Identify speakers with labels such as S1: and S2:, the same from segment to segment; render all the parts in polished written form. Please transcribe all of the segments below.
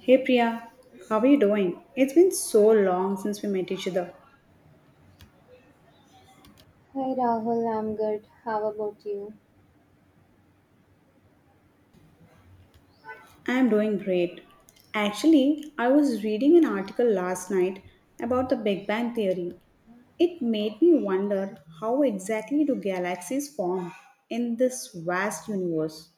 S1: Hey Priya, how are you doing? It's been so long since we met each other.
S2: Hi Rahul, I'm good. How about you?
S1: I'm doing great. Actually, I was reading an article last night about the Big Bang Theory. It made me wonder how exactly do galaxies form in this vast universe?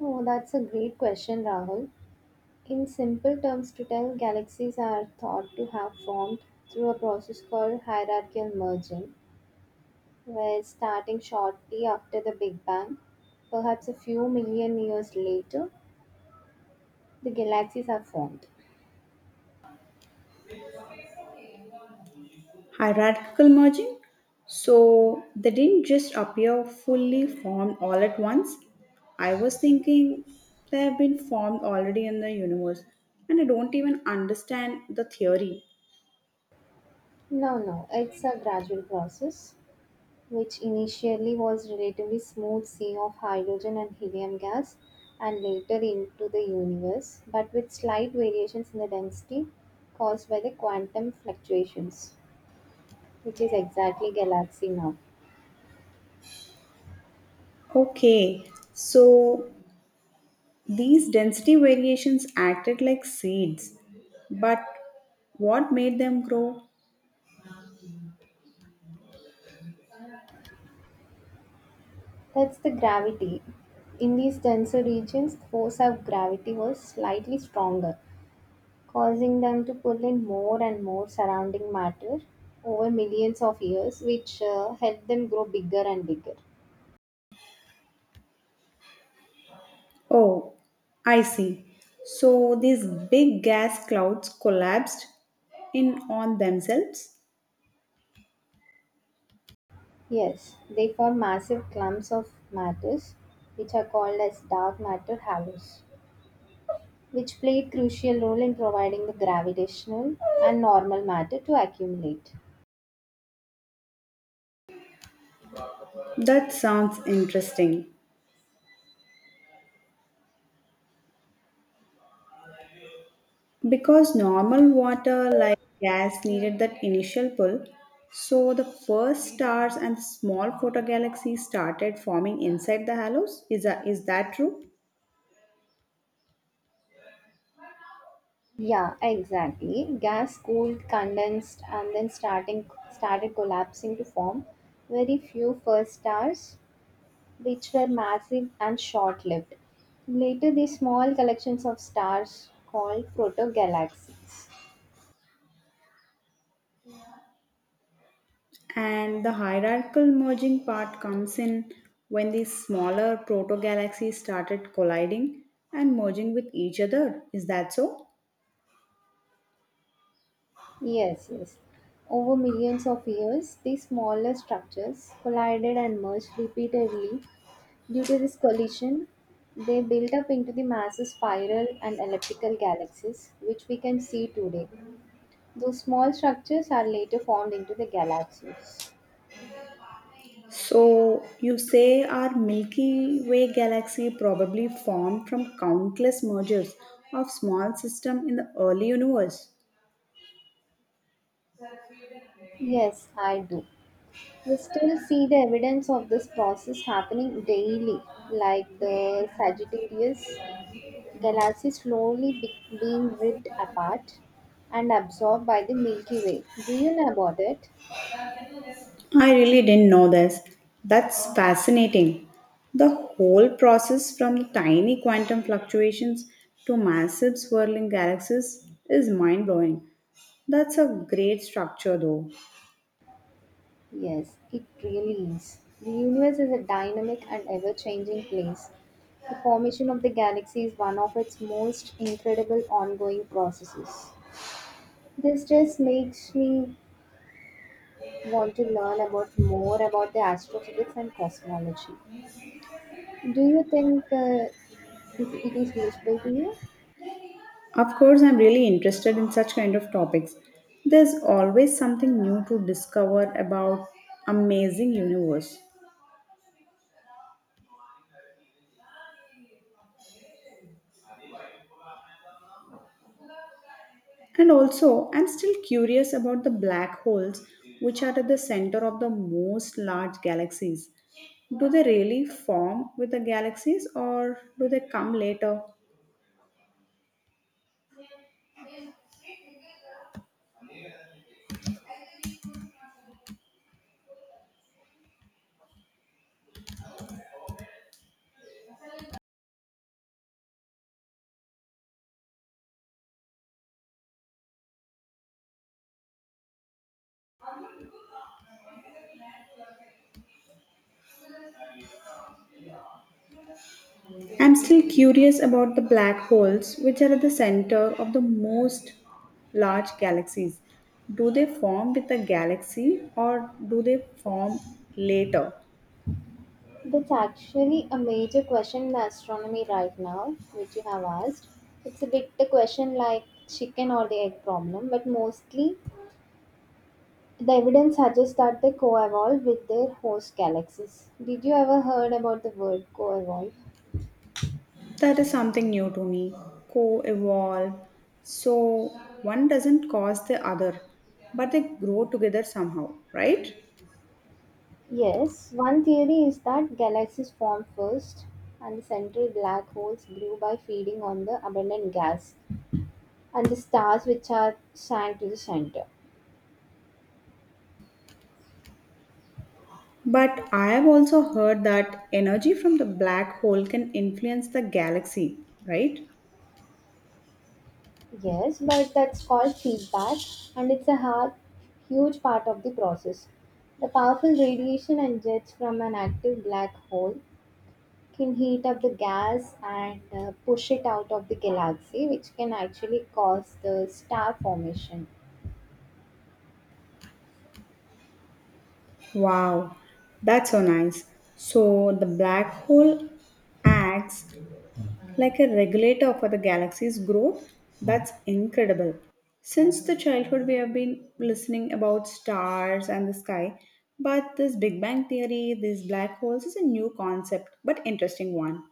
S2: Oh, that's a great question, Rahul. In simple terms, to tell, galaxies are thought to have formed through a process called hierarchical merging, where starting shortly after the Big Bang, perhaps a few million years later, the galaxies are formed.
S1: Hierarchical merging. So they didn't just appear fully formed all at once. I was thinking they have been formed already in the universe, and I don't even understand the theory.
S2: No, no, it's a gradual process, which initially was relatively smooth sea of hydrogen and helium gas and later into the universe, but with slight variations in the density caused by the quantum fluctuations, which is exactly galaxy now.
S1: Okay, so these density variations acted like seeds, but what made them grow?
S2: That's the gravity. In these denser regions, the force of gravity was slightly stronger, causing them to pull in more and more surrounding matter over millions of years, which helped them grow bigger and bigger.
S1: Oh, I see. So these big gas clouds collapsed in on themselves.
S2: Yes, they form massive clumps of matters, which are called as dark matter halos, which play a crucial role in providing the gravitational and normal matter to accumulate.
S1: That sounds interesting because normal water like gas needed that initial pull. So the first stars and small photogalaxies started forming inside the halos. Is that true?
S2: Yeah, exactly. Gas cooled, condensed, and then starting started collapsing to form very few first stars, which were massive and short-lived. Later, these small collections of stars called protogalaxies.
S1: And the hierarchical merging part comes in when these smaller protogalaxies started colliding and merging with each other. Is that so?
S2: Yes, yes. Over millions of years, these smaller structures collided and merged repeatedly. Due to this collision, they built up into the massive spiral and elliptical galaxies, which we can see today. Those small structures are later formed into the galaxies.
S1: So, you say our Milky Way galaxy probably formed from countless mergers of small systems in the early universe.
S2: Yes, I do. We still see the evidence of this process happening daily, like the Sagittarius galaxy slowly being ripped apart and absorbed by the Milky Way. Do you know about it?
S1: I really didn't know this. That's fascinating. The whole process from tiny quantum fluctuations to massive swirling galaxies is mind blowing. That's a great structure, though.
S2: Yes, it really is. The universe is a dynamic and ever changing place. The formation of the galaxy is one of its most incredible ongoing processes. This just makes me want to learn about more about the astrophysics and cosmology. Do you think it is useful to you?
S1: Of course, I'm really interested in such kind of topics. There's always something new to discover about amazing universe. And also, I'm still curious about the black holes which are at the center of the most large galaxies. Do they really form with the galaxies or do they come later? I'm still curious about the black holes, which are at the center of the most large galaxies. Do they form with the galaxy or do they form later?
S2: That's actually a major question in astronomy right now, which you have asked. It's a bit a question like chicken or the egg problem, but mostly the evidence suggests that they co-evolve with their host galaxies. Did you ever heard about the word co-evolve?
S1: That is something new to me. Co evolve. So one doesn't cause the other, but they grow together somehow, right?
S2: Yes, one theory is that galaxies formed first and the central black holes grew by feeding on the abundant gas and the stars which are sank to the center.
S1: But I have also heard that energy from the black hole can influence the galaxy, right?
S2: Yes, but that's called feedback, and it's a hard, huge part of the process. The powerful radiation and jets from an active black hole can heat up the gas and push it out of the galaxy, which can actually cause the star formation.
S1: Wow, that's so nice. So the black hole acts like a regulator for the galaxy's growth. That's incredible. Since the childhood, we have been listening about stars and the sky, but this Big Bang theory, these black holes, is a new concept, but interesting one.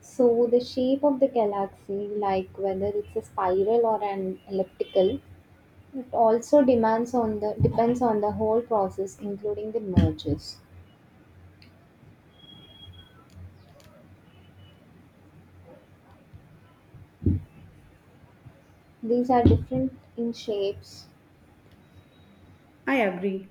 S2: So, the shape of the galaxy, like whether it's a spiral or an elliptical, it also demands on the depends on the whole process, including the mergers. These are different in shapes.
S1: I agree.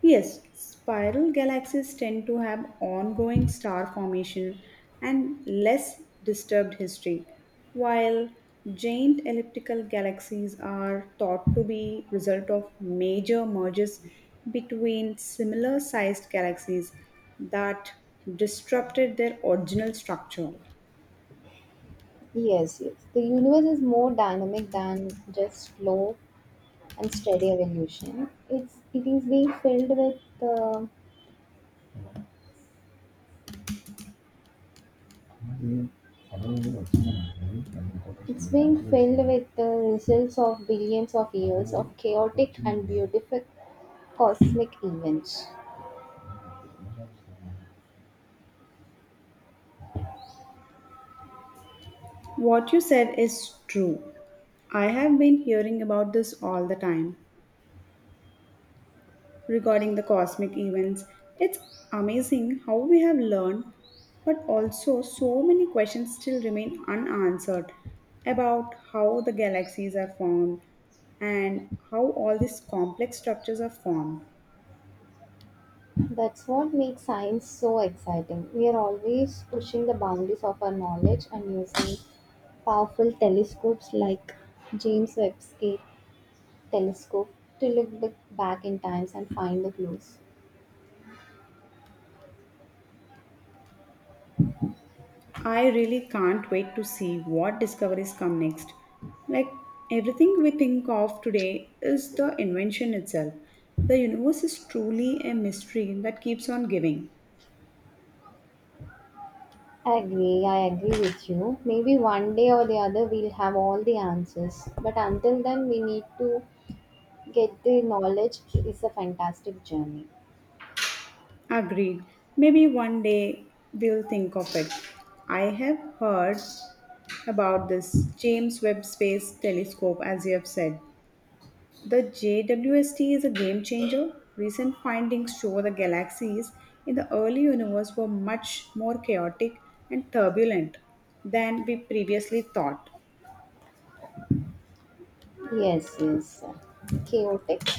S1: Yes, spiral galaxies tend to have ongoing star formation and less disturbed history, while giant elliptical galaxies are thought to be result of major mergers between similar sized galaxies that disrupted their original structure.
S2: Yes, yes. The universe is more dynamic than just slow and steady evolution. It's it's being filled with the results of billions of years of chaotic and beautiful cosmic events.
S1: What you said is true. I have been hearing about this all the time, regarding the cosmic events. It's amazing how we have learned, but also so many questions still remain unanswered about how the galaxies are formed and how all these complex structures are formed.
S2: That's what makes science so exciting. We are always pushing the boundaries of our knowledge and using powerful telescopes like James Webb's Cape telescope to look back in times and find the clues.
S1: I really can't wait to see what discoveries come next. Like everything we think of today is the invention itself. The universe is truly a mystery that keeps on giving.
S2: I agree with you. Maybe one day or the other we'll have all the answers. But until then, we need to get the knowledge. It's a fantastic journey.
S1: Agreed. Maybe one day we'll think of it. I have heard about this James Webb Space Telescope, as you have said. The JWST is a game changer. Recent findings show the galaxies in the early universe were much more chaotic and turbulent than we previously thought.
S2: Yes, yes. Chaotic.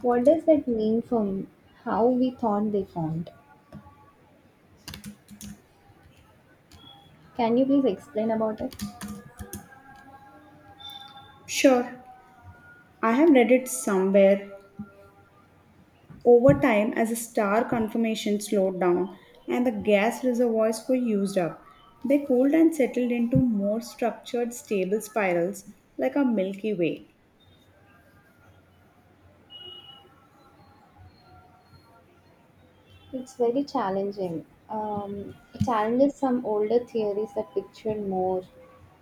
S2: What does that mean from how we thought they formed? Can you please explain about it?
S1: Sure, I have read it somewhere. Over time, as the star conformation slowed down and the gas reservoirs were used up, they cooled and settled into more structured, stable spirals like our Milky Way.
S2: It's very challenging. It challenges some older theories that pictured more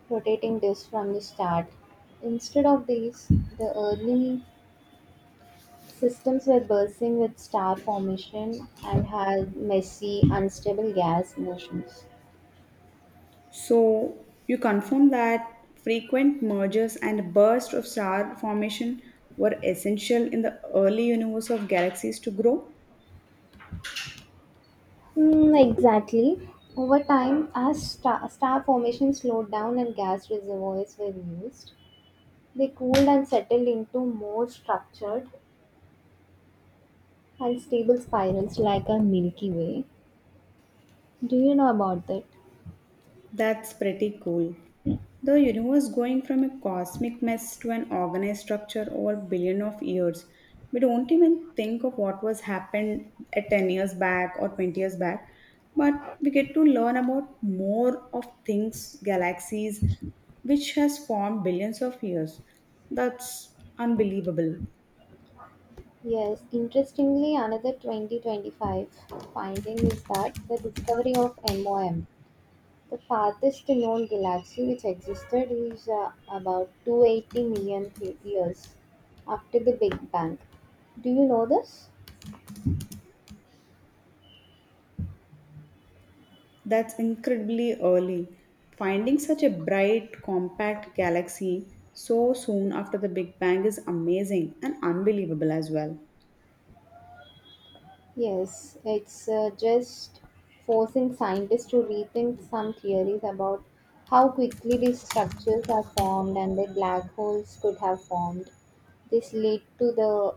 S2: rotating disks from the start. Instead of these, the early systems were bursting with star formation and had messy, unstable gas motions.
S1: So, you confirm that frequent mergers and bursts of star formation were essential in the early universe of galaxies to grow?
S2: Hmm, exactly. Over time, as star formation slowed down and gas reservoirs were used, they cooled and settled into more structured and stable spirals like a Milky Way. Do you know about that?
S1: That's pretty cool. The universe going from a cosmic mess to an organized structure over billion of years. We don't even think of what was happened at 10 years back or 20 years back, but we get to learn about more of things, galaxies, which has formed billions of years. That's unbelievable.
S2: Yes, interestingly, another 2025 finding is that the discovery of MOM, the farthest known galaxy which existed, is about 280 million years after the Big Bang. Do you know this?
S1: That's incredibly early. Finding such a bright, compact galaxy so soon after the Big Bang is amazing and unbelievable as well.
S2: Yes, it's just forcing scientists to rethink some theories about how quickly these structures are formed and that black holes could have formed. This led to the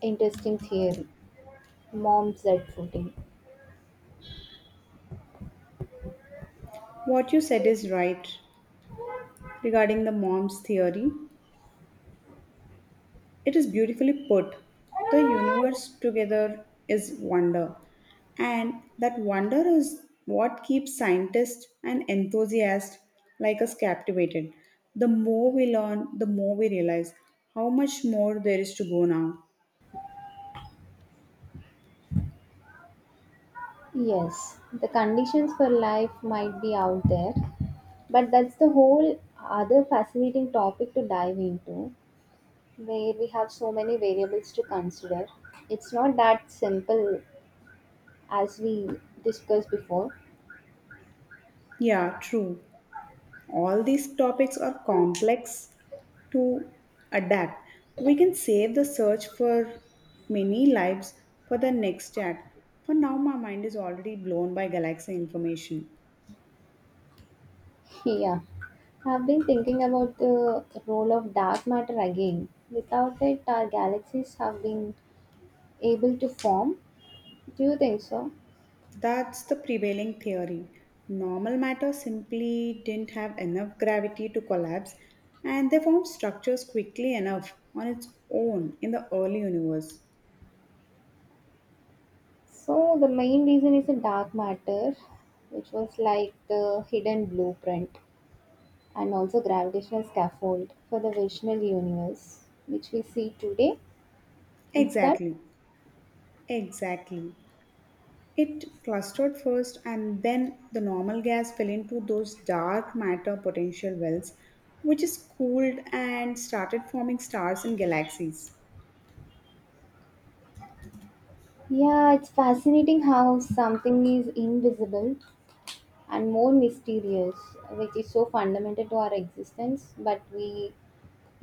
S2: interesting theory. Mom said footing.
S1: What you said is right regarding the mom's theory. It is beautifully put. The universe together is wonder, and that wonder is what keeps scientists and enthusiasts like us captivated. The more we learn, the more we realize how much more there is to go now.
S2: Yes, the conditions for life might be out there, but that's the whole other fascinating topic to dive into, where we have so many variables to consider. It's not that simple as we discussed before.
S1: Yeah, true. All these topics are complex to adapt. We can save the search for many lives for the next chat. For now, my mind is already blown by galaxy information.
S2: Yeah, I've been thinking about the role of dark matter again. Without it, our galaxies have been able to form. Do you think so?
S1: That's the prevailing theory. Normal matter simply didn't have enough gravity to collapse, and they formed structures quickly enough on its own in the early universe.
S2: So the main reason is the dark matter, which was like the hidden blueprint and also gravitational scaffold for the visual universe, which we see today. Is that?
S1: Exactly, exactly. It clustered first, and then the normal gas fell into those dark matter potential wells, which is cooled and started forming stars and galaxies.
S2: Yeah, it's fascinating how something is invisible and more mysterious, which is so fundamental to our existence, but we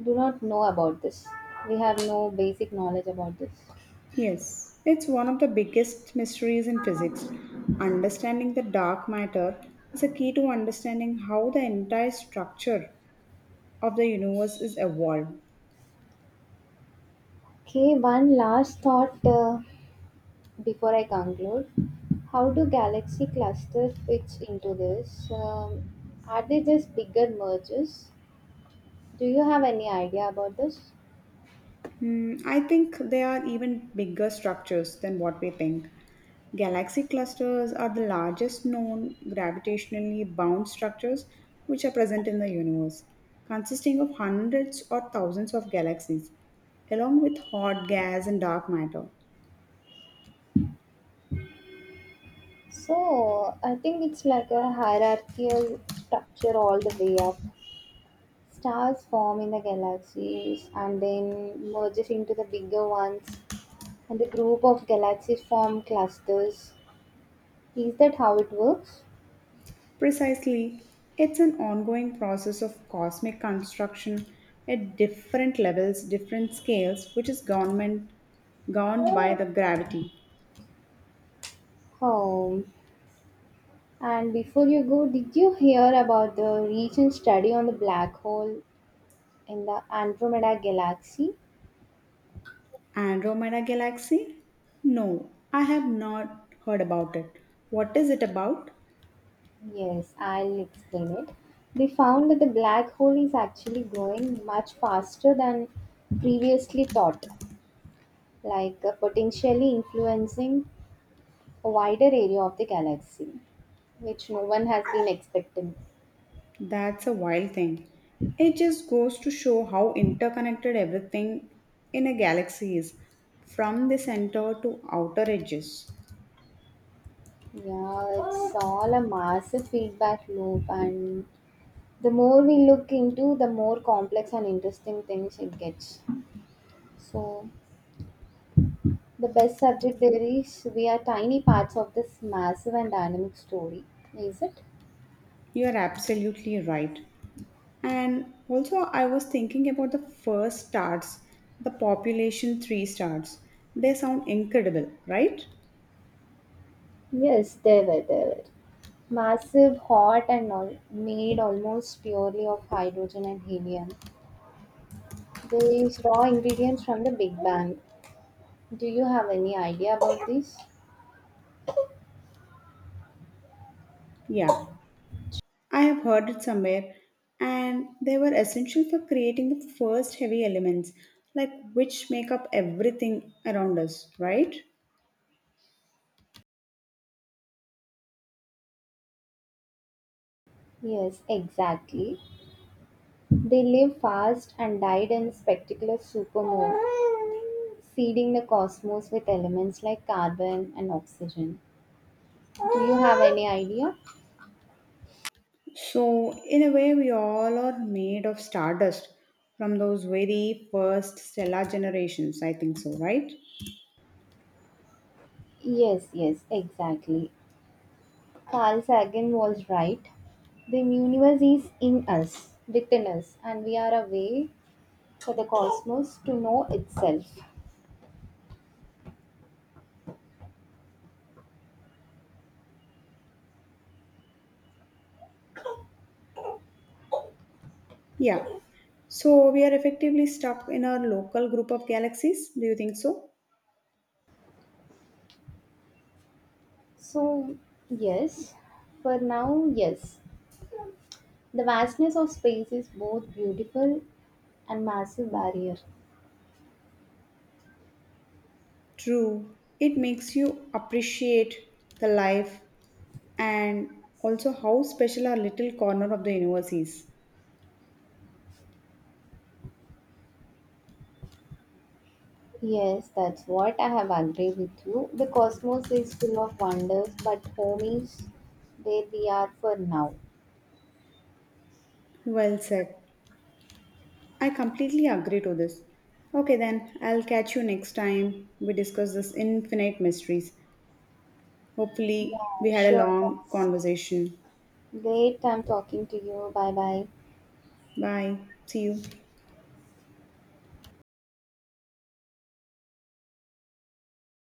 S2: do not know about this. We have no basic knowledge about this.
S1: Yes, it's one of the biggest mysteries in physics. Understanding the dark matter is a key to understanding how the entire structure of the universe is evolved.
S2: Okay, one last thought. Before I conclude, how do galaxy cluster fits into this? Are they just bigger mergers? Do you have any idea about this?
S1: Hmm, I think they are even bigger structures than what we think. Galaxy clusters are the largest known gravitationally bound structures which are present in the universe, consisting of hundreds or thousands of galaxies, along with hot gas and dark matter.
S2: So, I think it's like a hierarchical structure all the way up. Stars form in the galaxies and then merges into the bigger ones, and the group of galaxies form clusters. Is that how it works?
S1: Precisely, it's an ongoing process of cosmic construction at different levels, different scales, which is government governed by the gravity.
S2: Oh, and before you go, did you hear about the recent study on the black hole in the Andromeda galaxy?
S1: Andromeda Galaxy? No, I have not heard about it. What is it about?
S2: Yes, I'll explain it. They found that the black hole is actually growing much faster than previously thought, like potentially influencing a wider area of the galaxy, which no one has been expecting.
S1: That's a wild thing. It just goes to show how interconnected everything in a galaxy is, from the center to outer edges.
S2: Yeah, it's all a massive feedback loop and the more we look into, the more complex and interesting things it gets. So, the best subject there is we are tiny parts of this massive and dynamic story, is it?
S1: You are absolutely right. And also, I was thinking about the first stars, the population three stars. They sound incredible, right?
S2: Yes, they were, they were. Massive, hot, and all, made almost purely of hydrogen and helium. They use raw ingredients from the Big Bang. Do you have any idea about this?
S1: Yeah, I have heard it somewhere, and they were essential for creating the first heavy elements, like which make up everything around us, right?
S2: Yes, exactly. They live fast and died in spectacular supermoon, seeding the cosmos with elements like carbon and oxygen. Do you have any idea?
S1: So, in a way, we all are made of stardust from those very first stellar generations, I think so, right?
S2: Yes, yes, exactly. Carl Sagan was right. The universe is in us, within us, and we are a way for the cosmos to know itself.
S1: Yeah. So, we are effectively stuck in our local group of galaxies, do you think so?
S2: So, yes, for now, yes. The vastness of space is both beautiful and massive barrier.
S1: True. It makes you appreciate the life and also how special our little corner of the universe is.
S2: Yes, that's what I have agreed with you. The cosmos is full of wonders, but home is where we are for now.
S1: Well said. I completely agree to this. Okay, then I'll catch you next time we discuss this infinite mysteries. Hopefully, we
S2: Yeah,
S1: had a
S2: sure.
S1: long
S2: That's
S1: conversation.
S2: great. I'm talking to you. Bye bye.
S1: Bye. See you.